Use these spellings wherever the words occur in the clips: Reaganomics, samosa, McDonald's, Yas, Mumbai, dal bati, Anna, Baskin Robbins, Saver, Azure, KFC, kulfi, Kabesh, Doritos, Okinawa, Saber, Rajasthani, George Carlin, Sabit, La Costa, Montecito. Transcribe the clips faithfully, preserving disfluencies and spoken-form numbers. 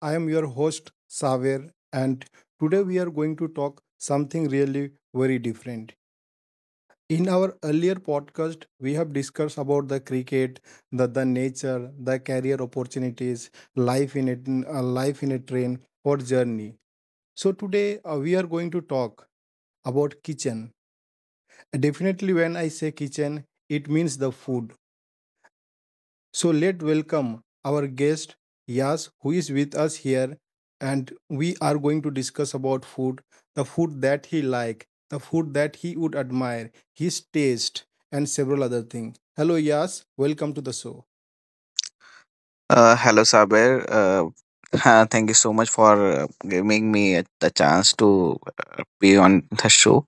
I am your host, Saver, and today we are going to talk something really very different. In our earlier podcast, we have discussed about the cricket, the, the nature, the career opportunities, life in a, uh, life in a train or journey. So today uh, we are going to talk about kitchen. Definitely when I say kitchen, it means the food. So let welcome our guest Yas, who is with us here, and we are going to discuss about food, the food that he like, the food that he would admire, his taste, and several other things. Hello, Yas. Welcome to the show. Uh, hello, Saber. Uh, thank you so much for uh, giving me the chance to uh, be on the show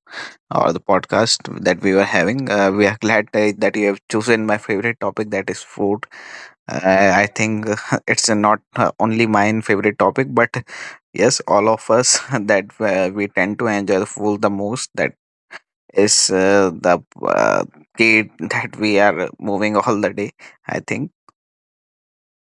or the podcast that we were having. Uh, we are glad uh, that you have chosen my favorite topic, that is food. Uh, I think it's not uh, only my favorite topic, but yes, all of us that uh, we tend to enjoy the food the most. That is uh, the uh, key that we are moving all the day. I think.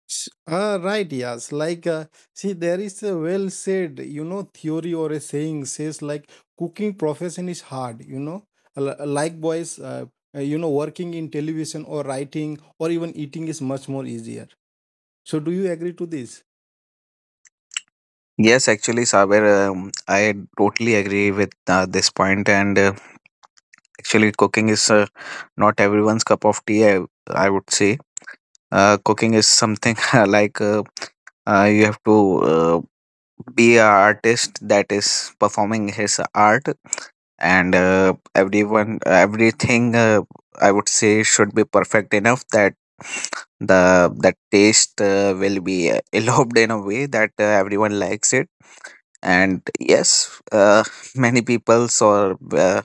S- Ah, right, Yas. Like, uh, see, there is a well said, you know, theory or a saying says like cooking profession is hard. You know, Li- likewise, uh, uh, you know, working in television or writing or even eating is much more easier. So do you agree to this? Yes, actually, Saber, um, I totally agree with uh, this point, and uh, actually, cooking is uh, not everyone's cup of tea. I, I would say uh, cooking is something uh, like uh, uh, you have to uh, be an artist that is performing his art, and uh, everyone, everything, uh, I would say, should be perfect enough that the that taste uh, will be uh, eloped in a way that uh, everyone likes it. And yes, uh, many peoples, or uh,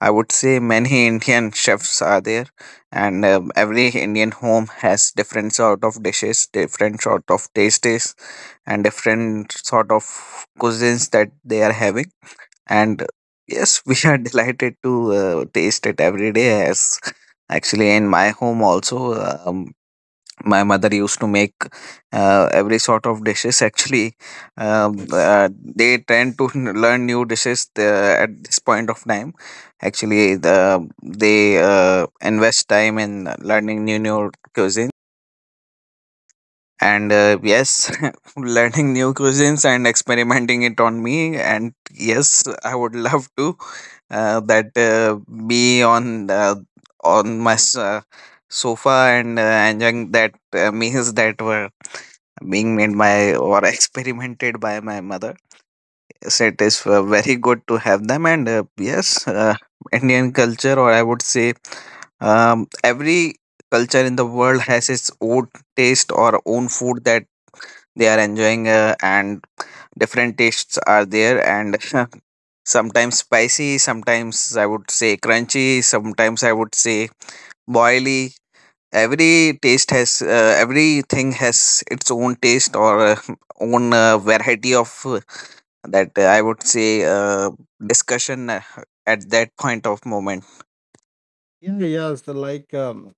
I would say, many Indian chefs are there. And um, every Indian home has different sort of dishes, different sort of tastes, and different sort of cuisines that they are having. And yes, we are delighted to uh, taste it every day. As actually in my home also, um, my mother used to make uh, every sort of dishes. Actually, um, uh, they tend to learn new dishes the, at this point of time. Actually, the, they uh, invest time in learning new new cuisine. And uh, yes, learning new cuisines and experimenting it on me. And yes, I would love to uh, that uh, be on uh, on my s- uh, sofa and uh, enjoying that uh, meals that were being made by or experimented by my mother. Yes, it is uh, very good to have them, and uh, yes, uh, Indian culture, or I would say, um, every culture in the world has its own taste or own food that they are enjoying, uh, and different tastes are there. And sometimes spicy, sometimes I would say crunchy, sometimes I would say boily. Every taste has uh, everything has its own taste or uh, own uh, variety of uh, that uh, i would say uh, discussion uh, at that point of moment. Yeah, yes, the like um,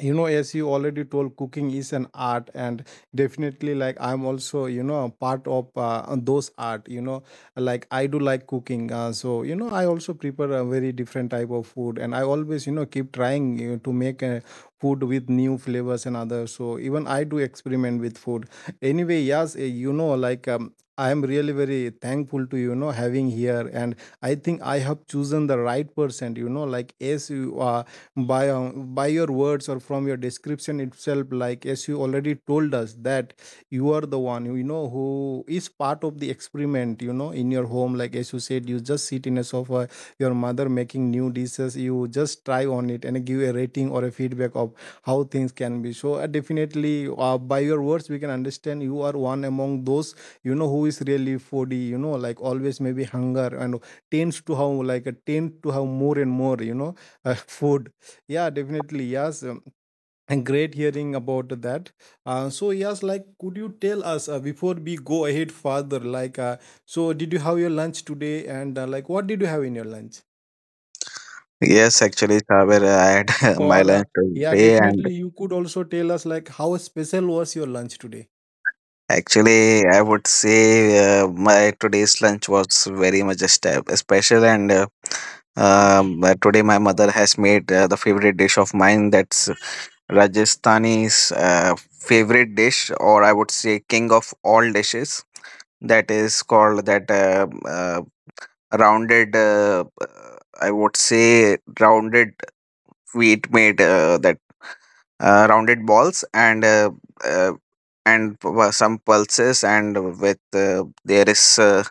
you know, as you already told, cooking is an art, and definitely like I'm also, you know, a part of uh, those art, you know, like I do like cooking, uh, so you know I also prepare a very different type of food, and I always, you know, keep trying, you know, to make uh, food with new flavors and other. So even I do experiment with food. Anyway, yes, eh, you know, like um, I am really very thankful to, you know, having here, and I think I have chosen the right person, you know, like as you are by uh, by your words or from your description itself, like as you already told us that you are the one, you know, who is part of the experiment, you know, in your home. Like as you said, you just sit in a sofa, your mother making new dishes, you just try on it and give a rating or a feedback of how things can be. So uh, definitely uh, by your words we can understand you are one among those, you know, who is really foodie, you know, like always maybe hunger and tends to have like a tend to have more and more, you know, uh, food. Yeah, definitely. Yes. Um, and great hearing about that. Uh, so yes, like, could you tell us uh, before we go ahead further, like, uh, so did you have your lunch today, and uh, like, what did you have in your lunch? Yes, actually, Saber, I had my Or uh, lunch yeah, today, and definitely, you could also tell us like how special was your lunch today. actually, I would say uh, my today's lunch was very much a step special, and uh, Um, but today my mother has made uh, the favorite dish of mine. That's Rajasthani's uh, favorite dish, or I would say king of all dishes. That is called that uh, uh, rounded. Uh, uh, I would say rounded wheat made uh, that uh, rounded balls, and uh, uh, and p- uh, some pulses, and with uh, there is uh,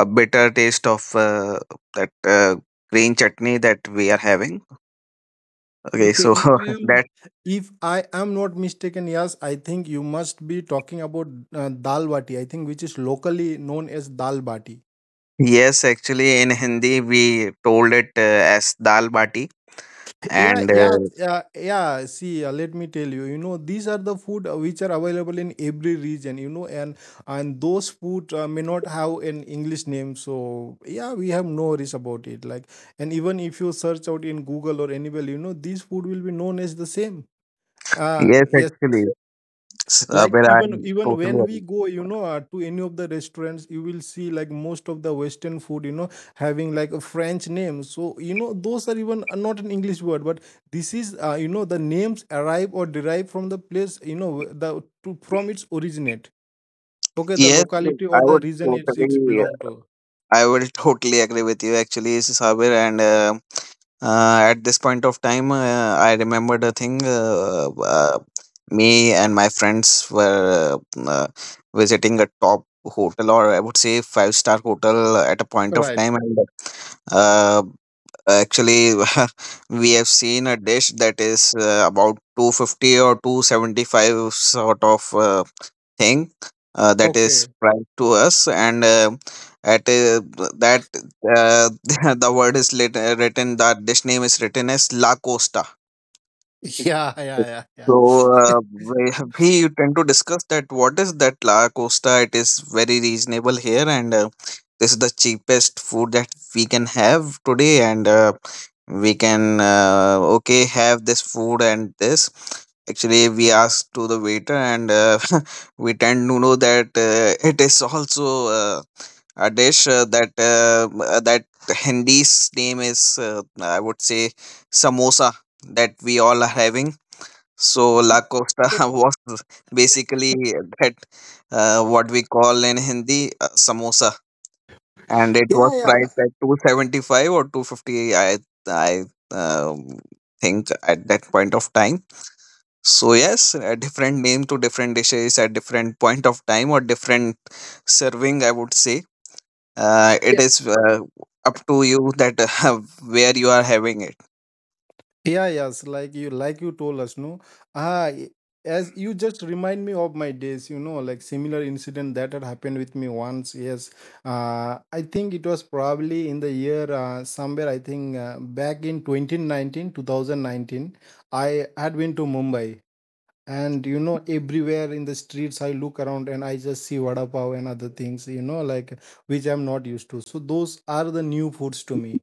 a bitter taste of uh, that uh, green chutney that we are having. Okay, Okay, so if I am that, if I am not mistaken, yes, I think you must be talking about uh, dal bati. I think which is locally known as dal bati. yes, actually in Hindi we told it uh, as dal bati. Yeah, And yeah, uh, yeah, yeah. See, uh, let me tell you. You know, these are the food uh, which are available in every region. You know, and and those food uh, may not have an English name. So yeah, we have no worries about it. Like, and even if you search out in Google or anywhere, you know, these food will be known as the same. Uh yes, Yes, actually, like Sabir, I even even when totally we agree. go, you know, uh, to any of the restaurants, you will see like most of the western food, you know, having like a french name, so you know those are even uh, not an english word. But this is, uh, you know, the names arrive or derive from the place, you know, the to, from its originate. Okay, the Yes, locality I or the would region it's it's totally, belong to, I would totally agree with you. Actually, Sabir, and uh, uh, at this point of time, uh, I remembered a thing. Uh, uh, me and my friends were uh, uh, visiting a top hotel, or I would say five star hotel, at a point of right? time, and uh, actually, we have seen a dish that is uh, about two fifty or two seventy five sort of uh, thing uh, that is Okay. priced to us, and uh, at uh, that uh, the word is lit- uh, written, that dish name is written as La Costa. Yeah, yeah, yeah, So uh, we we tend to discuss that, what is that La Costa? It is very reasonable here, and uh, this is the cheapest food that we can have today, and uh, we can uh, okay have this food and this. Actually, we asked to the waiter, and uh, we tend to know that uh, it is also uh, a dish uh, that uh, uh, that Hindi's name is uh, I would say samosa that we all are having. So La Costa was basically that, uh, what we call in Hindi uh, samosa, and it yeah, was yeah, priced at two seventy five or two fifty. I I um, think at that point of time. So yes, a different name to different dishes at different point of time or different serving. I would say uh, it yeah. is uh, up to you that uh, where you are having it. Yeah, yes, like you like you told us, no. Ah, y- as you just remind me of my days, you know, like similar incident that had happened with me once. Yes, uh, I think it was probably in the year uh, somewhere. I think uh, back in twenty nineteen, two thousand nineteen, I had been to Mumbai, and you know, everywhere in the streets I look around and I just see vada pav and other things, you know, like which I'm not used to. So those are the new foods to me,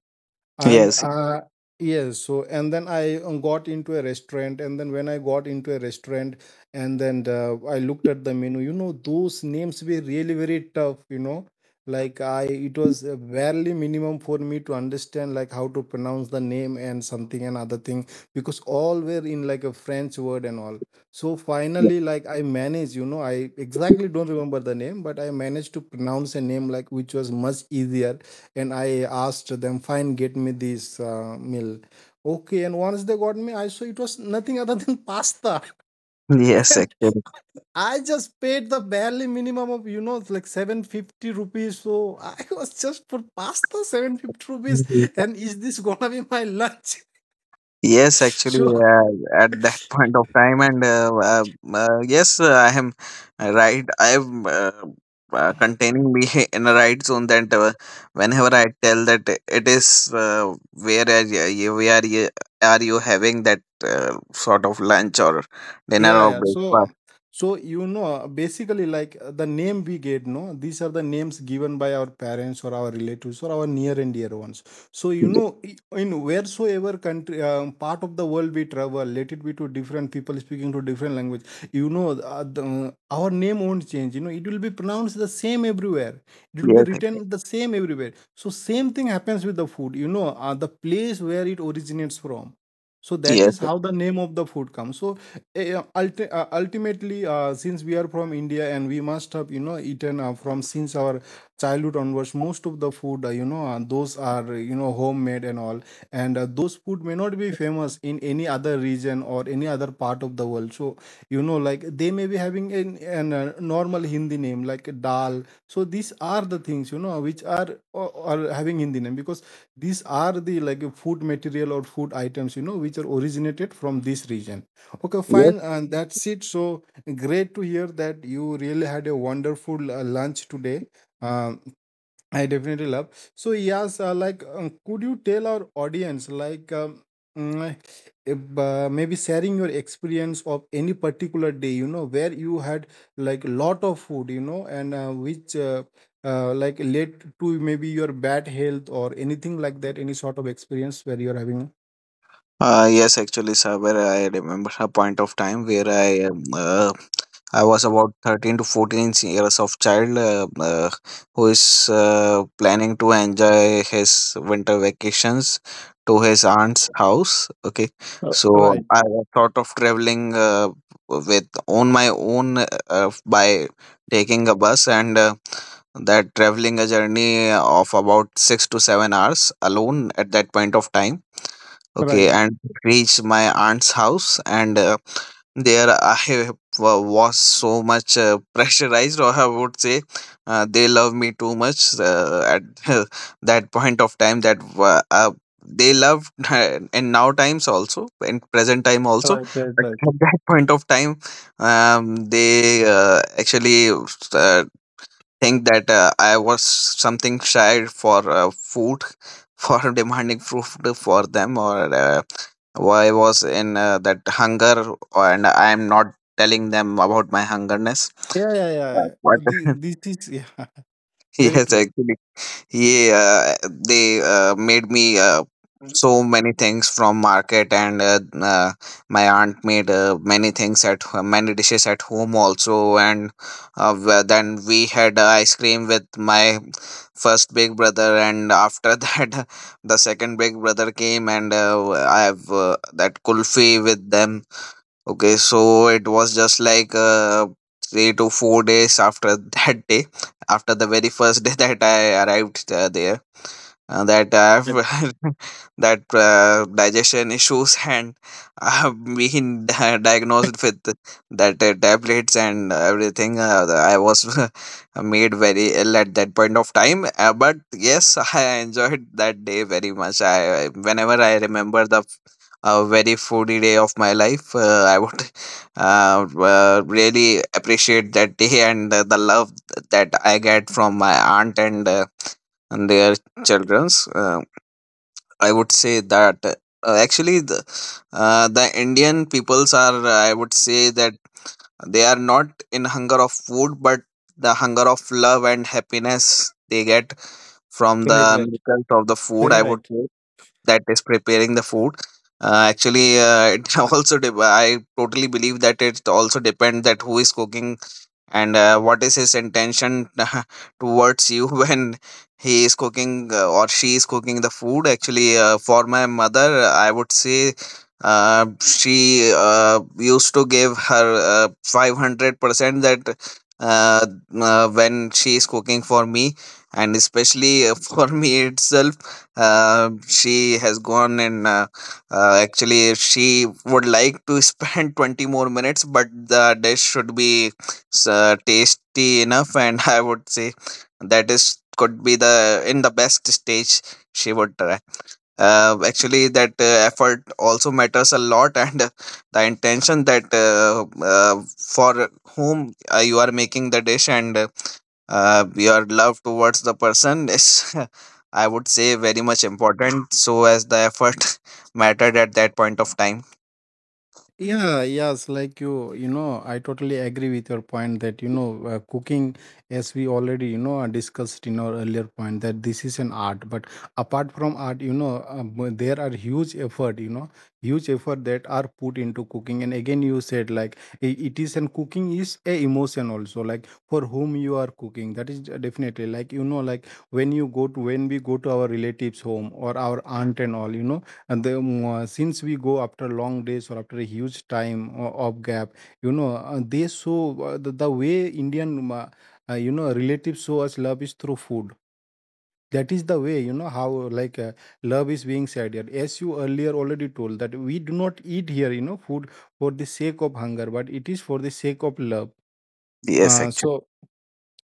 and Yes. uh, yes, so and then i um, got into a restaurant, and then when I got into a restaurant, and then uh, I looked at the menu, you know, those names were really very tough. You know, like I, it was uh, barely minimum for me to understand like how to pronounce the name and something and other thing, because all were in like a french word and all. So finally, like I managed, you know, I exactly don't remember the name, but I managed to pronounce a name like which was much easier, and I asked them, "Fine, get me this uh, meal." Okay, and once they got me, I saw it was nothing other than pasta, Yes, and actually. I just paid the barely minimum of you know like seven fifty rupees. So I was just for pasta seven fifty rupees, and is this gonna be my lunch? Yes, actually, So uh, at that point of time, and uh, uh, uh, yes, uh, I am uh, right. I am uh, uh, containing me in a right zone that uh, whenever I tell that it is, uh, where are you, where are you, are you having that uh, sort of lunch or dinner yeah, or yeah. So, breakfast? so you know, basically, like uh, the name we get, no, these are the names given by our parents or our relatives or our near and dear ones. So, you know, i- in wheresoever country, um, part of the world we travel, let it be to different people speaking to different language, you know, uh, the, uh, our name won't change. You know, it will be pronounced the same everywhere. It will be Yes, written the same everywhere. So, same thing happens with the food. You know, uh, the place where it originates from. So that yes, is how the name of the food comes. So eh, yeah, ulti- uh, ultimately uh, since we are from India and we must have, you know, eaten uh, from since our childhood onwards, most of the food, uh, you know, uh, those are, uh, you know, homemade and all. And uh, those food may not be famous in any other region or any other part of the world. So you know, like they may be having an, an uh, normal hindi name like dal. So these are the things, you know, which are or, or having hindi name, because these are the like food material or food items, you know, which are originated from this region. Okay, yes. fine, and that's it. So great to hear that you really had a wonderful uh, lunch today. Um, I definitely love. So yes, uh, like, uh, could you tell our audience, like, um, mm, if, uh, maybe sharing your experience of any particular day, you know, where you had like a lot of food, you know, and uh, which uh, uh, like led to maybe your bad health or anything like that, any sort of experience where you're having. Uh, yes, actually, Saber, I remember a point of time where I um, uh, I was about thirteen to fourteen years of child uh, uh, who is uh, planning to enjoy his winter vacations to his aunt's house. Okay, Uh, so Right, I was thought of traveling uh, with on my own uh, by taking a bus, and uh, that traveling a journey of about six to seven hours alone at that point of time. Okay, right, and reached my aunt's house, and uh, there I wa- was so much uh, pressurized, or I would say, uh, they love me too much uh, at that point of time. That wa- uh, they loved uh, in now times also, in present time also, right, right, but right. at that point of time, um, they uh, actually uh, think that uh, I was something shy for uh, food, for demanding food for them or. Uh, I was in uh, that hunger, and I am not telling them about my hungerness. Yeah, yeah, yeah. Right. Uh, The, But this is, yeah, very yes, true. actually, yeah, they uh, made me uh, so many things from market, and uh, uh, my aunt made uh, many things at ho- many dishes at home also, and uh, wh- then we had uh, ice cream with my first big brother, and after that, the second big brother came, and uh, I have uh, that kulfi with them. Okay, so it was just like uh, three to four days after that day, after the very first day that I arrived uh, there, uh, that I Right, have that uh, digestion issues and uh, being di- diagnosed with that uh, tablets and everything. uh, I was made very ill at that point of time, uh, but yes, I enjoyed that day very much. I I- whenever I remember the uh, very foodie day of my life, uh, I would uh, uh, really appreciate that day and uh, the love that I get from my aunt, and, uh, and their children's. Um I would say that uh, actually the uh, the Indian peoples are, I would say, that they are not in hunger of food, but the hunger of love and happiness they get from right, the right. miracles of the food. Very I would right. say that is preparing the food. Uh, actually, uh, it also de- I totally believe that it also depends that who is cooking and uh, what is his intention towards you when he is cooking uh, or she is cooking the food. Actually, uh, for my mother, I would say uh, she uh, used to give her uh, five hundred percent that uh, uh, when she is cooking for me, and especially uh, for me itself, uh, she has gone. And uh, uh, actually, she would like to spend twenty more minutes, but the dish should be s- uh, tasty enough. And I would say that is could be the in the best stage she would try. Uh, actually, that uh, effort also matters a lot. And uh, the intention that uh, uh, for whom uh, you are making the dish, and uh, uh, your love towards the person is, I would say, very much important, so as the effort mattered at that point of time. Yeah, yes, like you, you know, I totally agree with your point that, you know, uh, cooking, as we already, you know, uh, discussed in our earlier point, that this is an art. But apart from art, you know, um, uh, there are huge effort, you know, huge effort that are put into cooking. And again, you said like i- it is, and cooking is a emotion also, like for whom you are cooking. That is d- definitely like, you know, like when you go to, when we go to our relatives' home or our aunt and all, you know, and the, um, uh, since we go after long days or after a huge time o- of gap, you know, uh, they show uh, the, the way Indian mm, uh, uh, you know, relatives show us love is through food. That is the way, you know, how like uh, love is being said here, as you earlier already told that we do not eat here, you know, food for the sake of hunger, but it is for the sake of love. Yes, uh, actually. so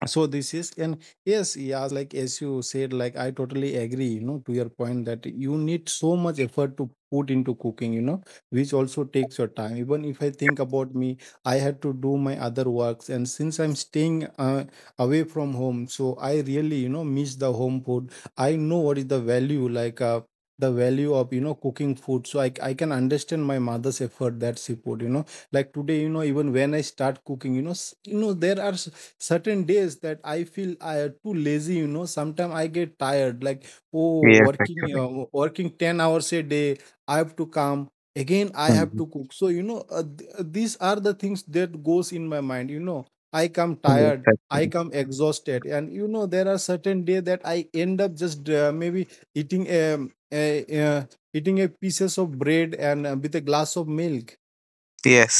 so this is. And yes, yes, like as you said, like I totally agree, you know, to your point that you need so much effort to put into cooking, you know, which also takes your time. Even if I think about me, I had to do my other works, and since I'm staying uh, away from home, so I really, you know, miss the home food. I know what is the value, like uh, the value of, you know, cooking food. So I, I can understand my mother's effort that she put, you know, like today, you know, even when I start cooking, you know, s- you know, there are certain days that I feel I are too lazy, you know. Sometimes I get tired, like oh, Yes, working actually. uh, working ten hours a day. I have to come again. I have Mhm. to cook. So you know, uh, th- uh, these are the things that goes in my mind. You know, I come Yes, tired. I actually. come exhausted, and you know there are certain day that I end up just uh, maybe eating um, a, a eating a pieces of bread and uh, with a glass of milk.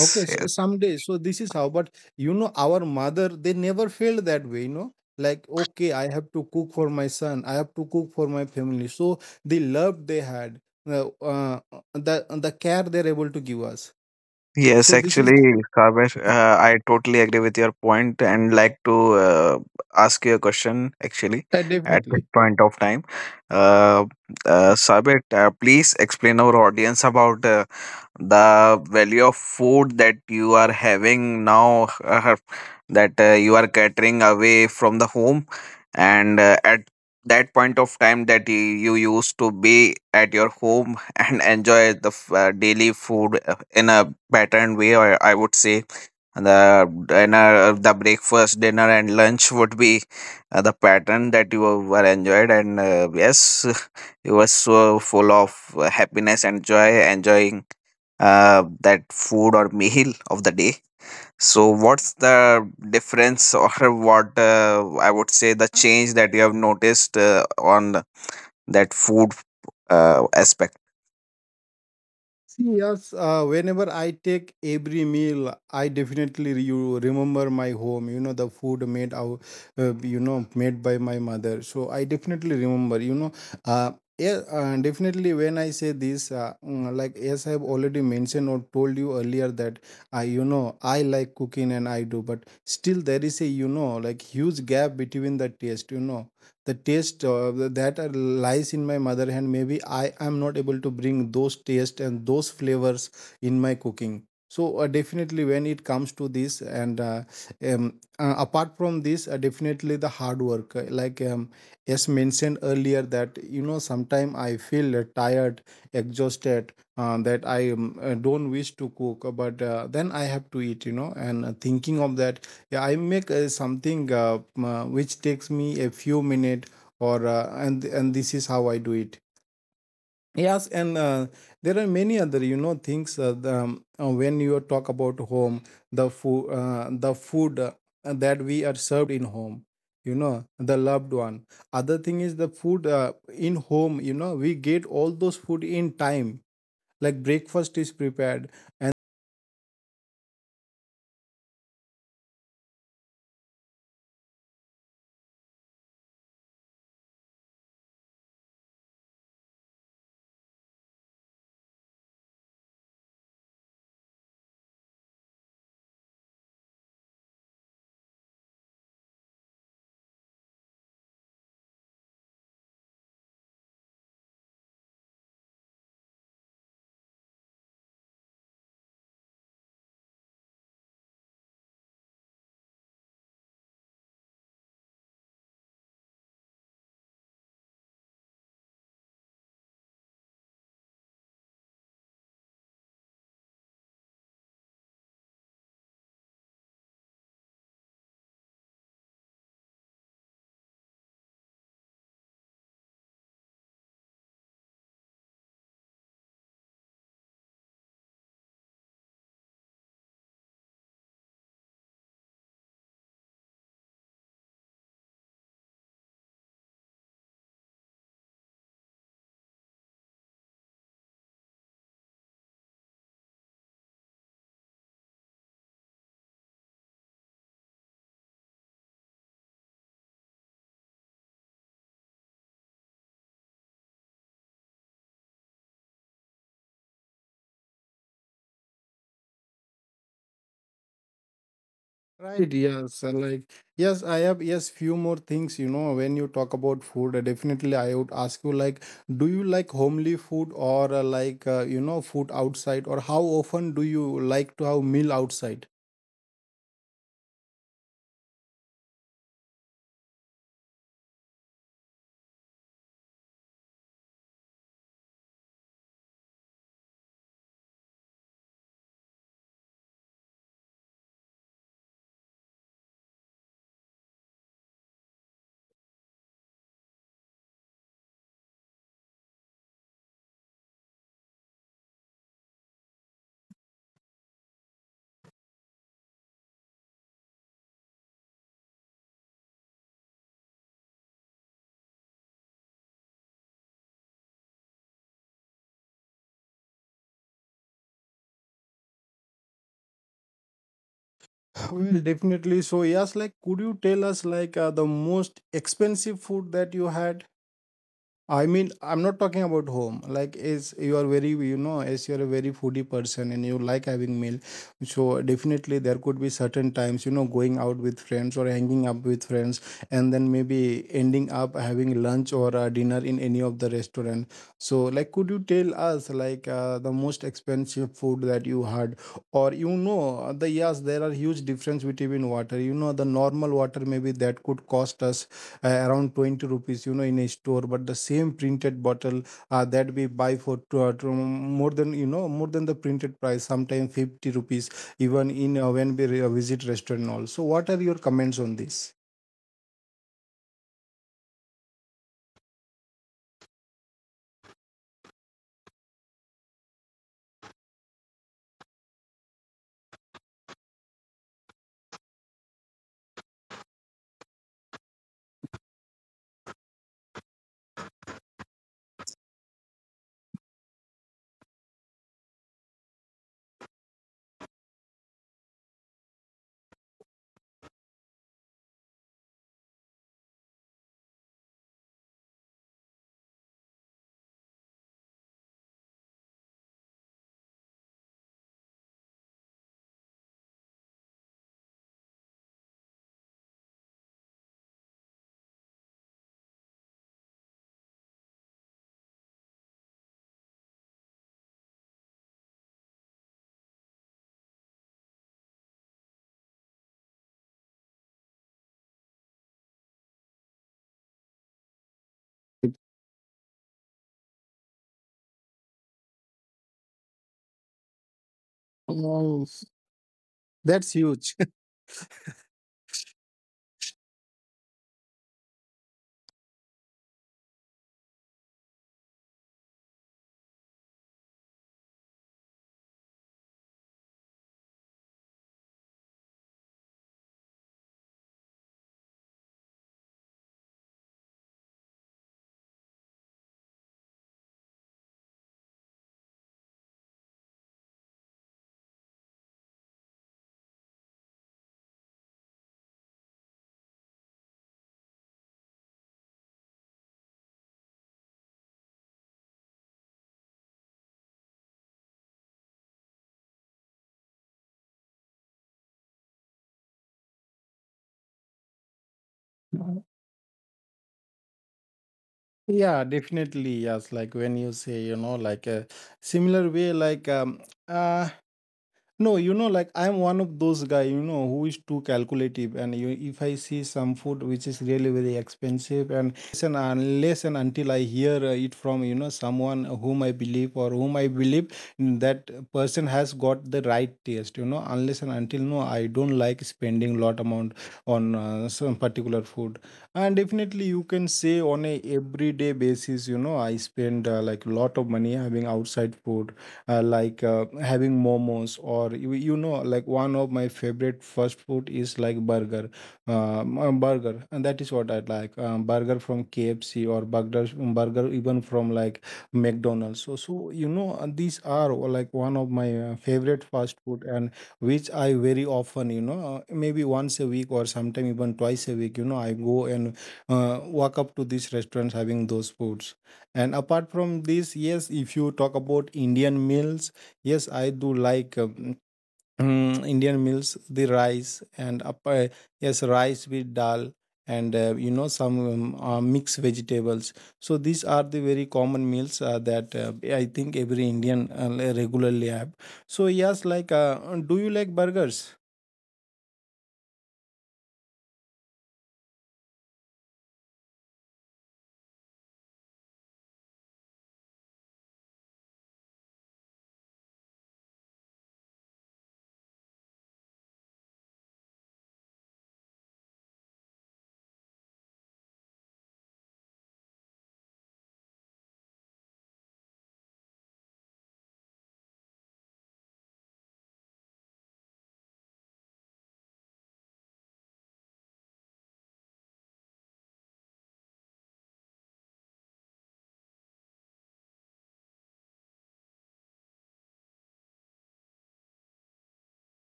Okay, s- yes, someday. So this is how. But you know, our mother, they never felt that way. You know, like okay, I have to cook for my son. I have to cook for my family. So the love they had, the uh, the the care they're able to give us. yes. So this is Actually, Kabesh, uh, I totally agree with your point, and like to uh, ask you a question. Actually, uh, at this definitely. point of time, uh, uh, Sabit, uh, please explain our audience about uh, the value of food that you are having now, uh, that uh, you are catering away from the home, and uh, at that point of time that you, you used to be at your home and enjoy the f- uh, daily food uh, in a patterned way, or I would say, and the dinner, the breakfast, dinner, and lunch would be uh, the pattern that you were enjoyed. And uh, yes, you were so full of uh, happiness and joy enjoying uh, that food or meal of the day. So what's the difference or what, uh, I would say, the change that you have noticed uh, on that food uh, aspect? See, yes, uh, whenever I take every meal, I definitely re- you remember my home, you know, the food made out, uh, you know, made by my mother. So I definitely remember, you know, uh, yeah, uh, definitely when I say this, uh, mm, like, as I've already mentioned or told you earlier that I, you know, I like cooking and I do, but still there is a, you know, like huge gap between the taste, you know the taste uh, that lies in my mother hand. Maybe I am not able to bring those taste and those flavors in my cooking. So uh, definitely when it comes to this. And uh, um, uh, apart from this, uh, definitely the hard work, uh, like, um, as mentioned earlier that you know sometimes I feel uh, tired, exhausted, uh, that I um, uh, don't wish to cook, uh, but uh, then I have to eat you know. And uh, thinking of that, yeah, I make uh, something uh, m- uh, which takes me a few minutes, or uh, and and this is how I do it. Yes, and uh, there are many other you know things. Uh, the, um, uh, when you talk about home, the food, uh, the food uh, that we are served in home, you know, the loved one. Other thing is the food uh, in home. You know, we get all those food in time. Like breakfast is prepared. Right, yes, uh, like yes, I have yes few more things. You know, when you talk about food, uh, definitely I would ask you like, do you like homely food or uh, like uh, you know food outside, or how often do you like to have meal outside? Well, definitely. So yes, like, could you tell us like uh, the most expensive food that you had? I mean, I'm not talking about home. Like, is you are very, you know, as you are a very foodie person and you like having meal, so definitely there could be certain times, you know, going out with friends or hanging up with friends, and then maybe ending up having lunch or uh, dinner in any of the restaurant. So, like, could you tell us like uh, the most expensive food that you had, or you know, the yes, there are huge difference between water. You know, the normal water maybe that could cost us uh, around twenty rupees you know in a store, but the same printed bottle uh, that we buy for two, uh, two- more than you know more than the printed price sometimes fifty rupees even in uh, when we re- uh, visit restaurant and all. So what are your comments on this? Oh, that's huge. Yeah, definitely. Yes, like when you say you know like a similar way, like um, uh, no, you know, like I'm one of those guy, you know, who is too calculative. And you, if I see some food which is really very expensive, and and unless and until I hear uh, it from you know someone whom I believe or whom I believe, mm, that person has got the right taste, you know, unless and until no, I don't like spending lot amount on uh, some particular food. And definitely you can say on a everyday basis, you know, I spend uh, like lot of money having outside food, uh, like uh, having momos or you, you know like one of my favorite fast food is like burger, um, um, burger. And that is what I like, um, burger from KFC or burger burger even from like McDonald's. So so you know, uh, these are uh, like one of my uh, favorite fast food, and which I very often you know uh, maybe once a week or sometime even twice a week, you know, I go and uh, walk up to these restaurants having those foods. And apart from this, yes, if you talk about Indian meals, yes, I do like, um, Indian meals, the rice and up, uh, yes, rice with dal and uh, you know some um, uh, mixed vegetables. So these are the very common meals uh, that uh, I think every Indian uh, regularly have. So yes, like, uh, do you like burgers?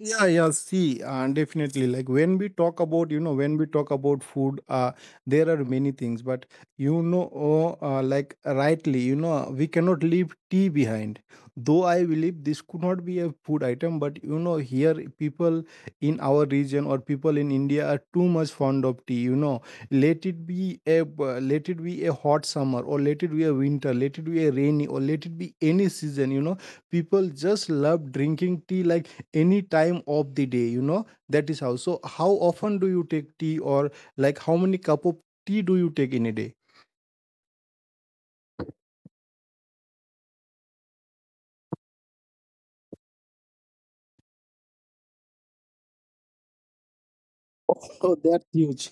Yeah, yeah, see, uh, definitely. Like when we talk about, you know, when we talk about food, uh, there are many things, but you know, oh, uh, like rightly, you know, we cannot leave tea behind. Though I believe this could not be a food item, but you know, here people in our region or people in India are too much fond of tea. You know, let it be a uh, let it be a hot summer, or let it be a winter, let it be a rainy or let it be any season. You know, people just love drinking tea like any time of the day. You know, that is how. So how often do you take tea, or like how many cup of tea do you take in a day? Oh, that's huge.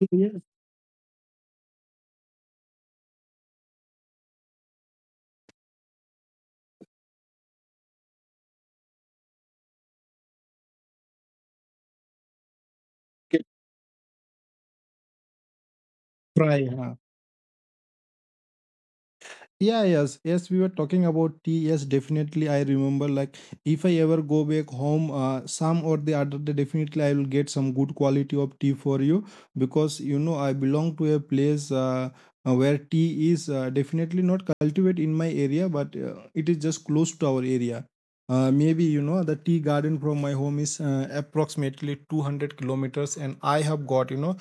Yes. Try, yeah, yes, yes, we were talking about tea. Yes, definitely. I remember, like, if I ever go back home, uh, some or the other day, definitely I will get some good quality of tea for you, because you know I belong to a place uh, uh, where tea is uh, definitely not cultivated in my area, but uh, it is just close to our area. Uh, maybe you know the tea garden from my home is uh, approximately two hundred kilometers, and I have got you know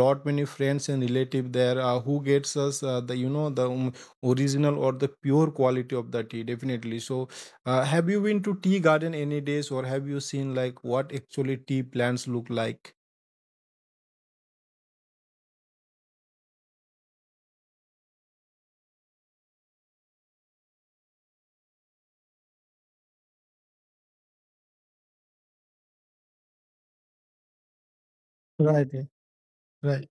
lot many friends and relative there uh, who gets us uh, the you know the um, original or the pure quality of the tea, definitely. So uh, have you been to tea garden any days, or have you seen like what actually tea plants look like? Right, right.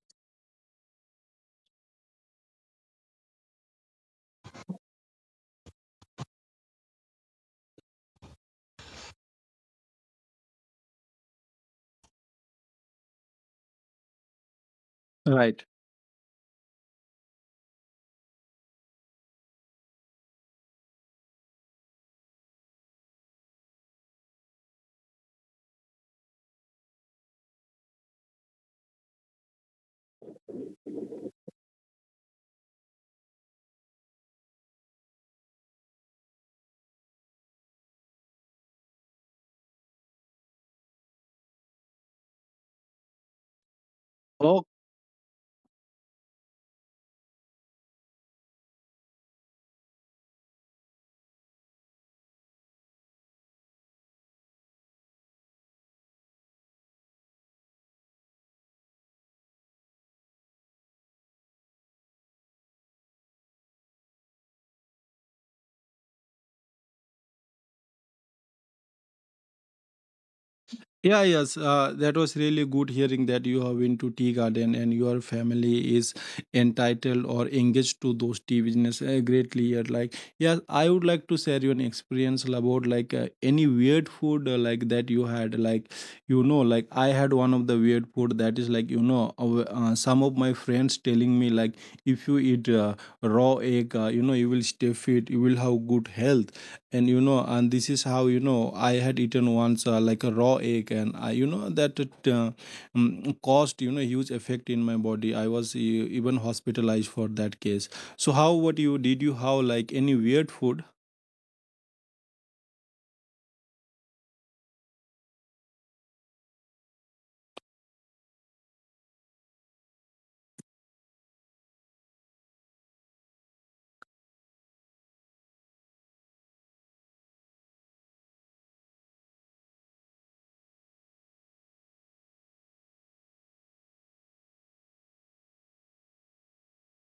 Yeah, yes, uh, that was really good hearing that you have been to tea garden and your family is entitled or engaged to those tea business uh, greatly. Here. Like, yeah, I would like to share you an experience about like uh, any weird food uh, like that you had. Like, you know, like I had one of the weird food that is like you know, uh, uh, some of my friends telling me like if you eat uh, raw egg, uh, you know, you will stay fit, you will have good health and you know. And this is how you know I had eaten once uh, like a raw egg, and I you know that it uh, mm, caused you know huge effect in my body. I was e- even hospitalized for that case. So how what you did you, how like any weird food?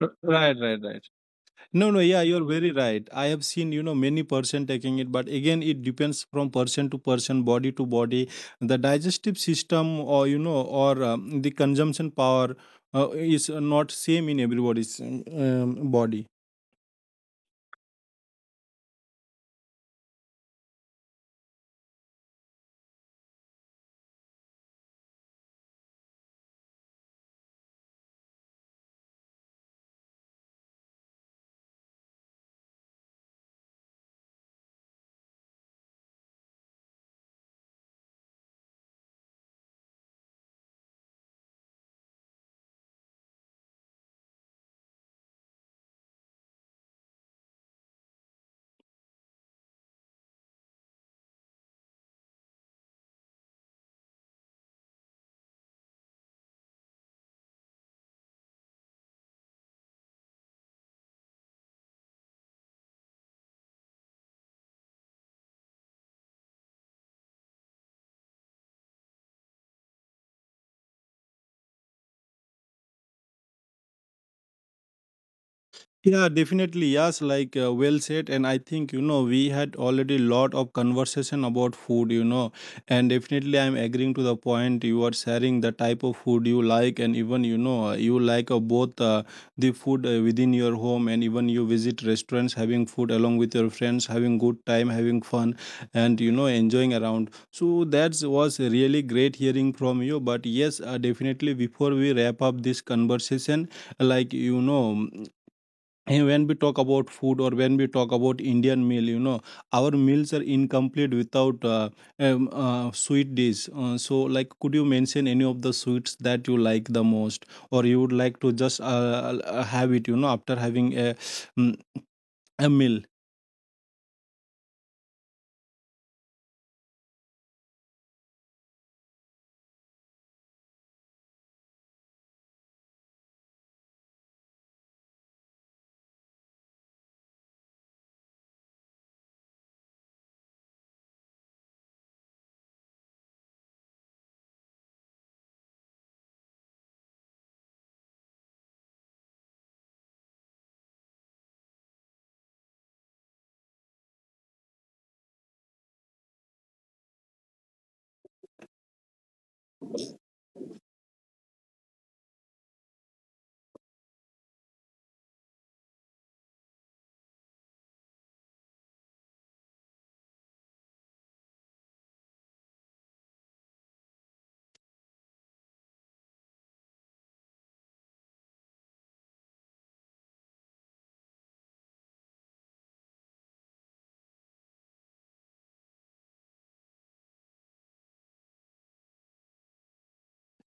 R- Right, right, right. No, no, yeah, you're very right. I have seen, you know, many person taking it, but again, it depends from person to person, body to body. The digestive system, or you know, or um, the consumption power uh, is not same in everybody's um, um, body. Yeah, definitely. Yes, like uh, well said. And I think, you know, we had already lot of conversation about food, you know, and definitely I'm agreeing to the point you are sharing the type of food you like. And even, you know, uh, you like uh, both uh, the food uh, within your home, and even you visit restaurants having food along with your friends, having good time, having fun and, you know, enjoying around. So that was really great hearing from you. But yes, uh, definitely before we wrap up this conversation, like you know. And when we talk about food or when we talk about Indian meal, you know, our meals are incomplete without uh, um, uh, sweet dish. Uh, so, like, could you mention any of the sweets that you like the most, or you would like to just uh, uh, have it, you know, after having a, mm, a meal?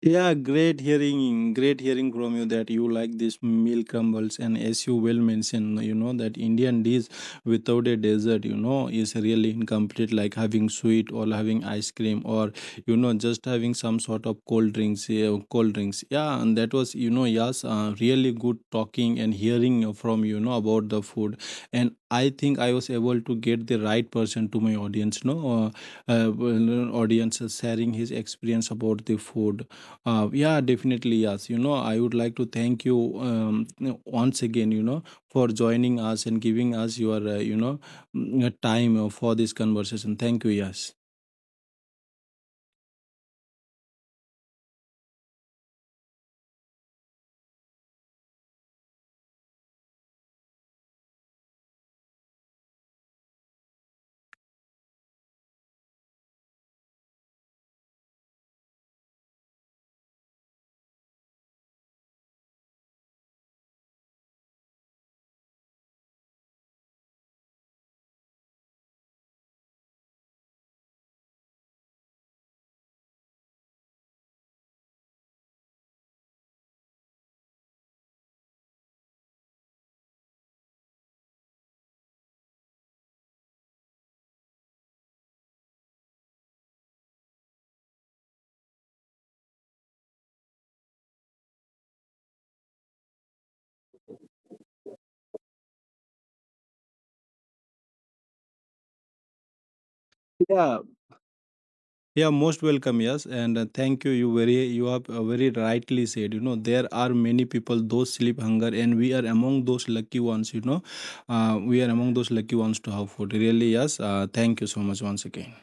Yeah, great hearing, great hearing from you that you like this meal crumbles. And as you well mentioned, you know, that Indian dish without a dessert, you know, is really incomplete, like having sweet or having ice cream or, you know, just having some sort of cold drinks, yeah, cold drinks. Yeah, and that was, you know, yes, uh, really good talking and hearing from, you know, about the food. And I think I was able to get the right person to my audience, no, uh, uh, well, audience sharing his experience about the food, uh, yeah, definitely. Yes, you know, I would like to thank you um, once again, you know, for joining us and giving us your, uh, you know, mm, uh, time uh, for this conversation. Thank you. Yes. Yeah. Yeah. Most welcome. Yes, and uh, thank you. You very, you have uh, very rightly said. You know, there are many people those sleep hunger, and we are among those lucky ones. You know, uh, we are among those lucky ones to have food. Really, yes. Uh, thank you so much once again.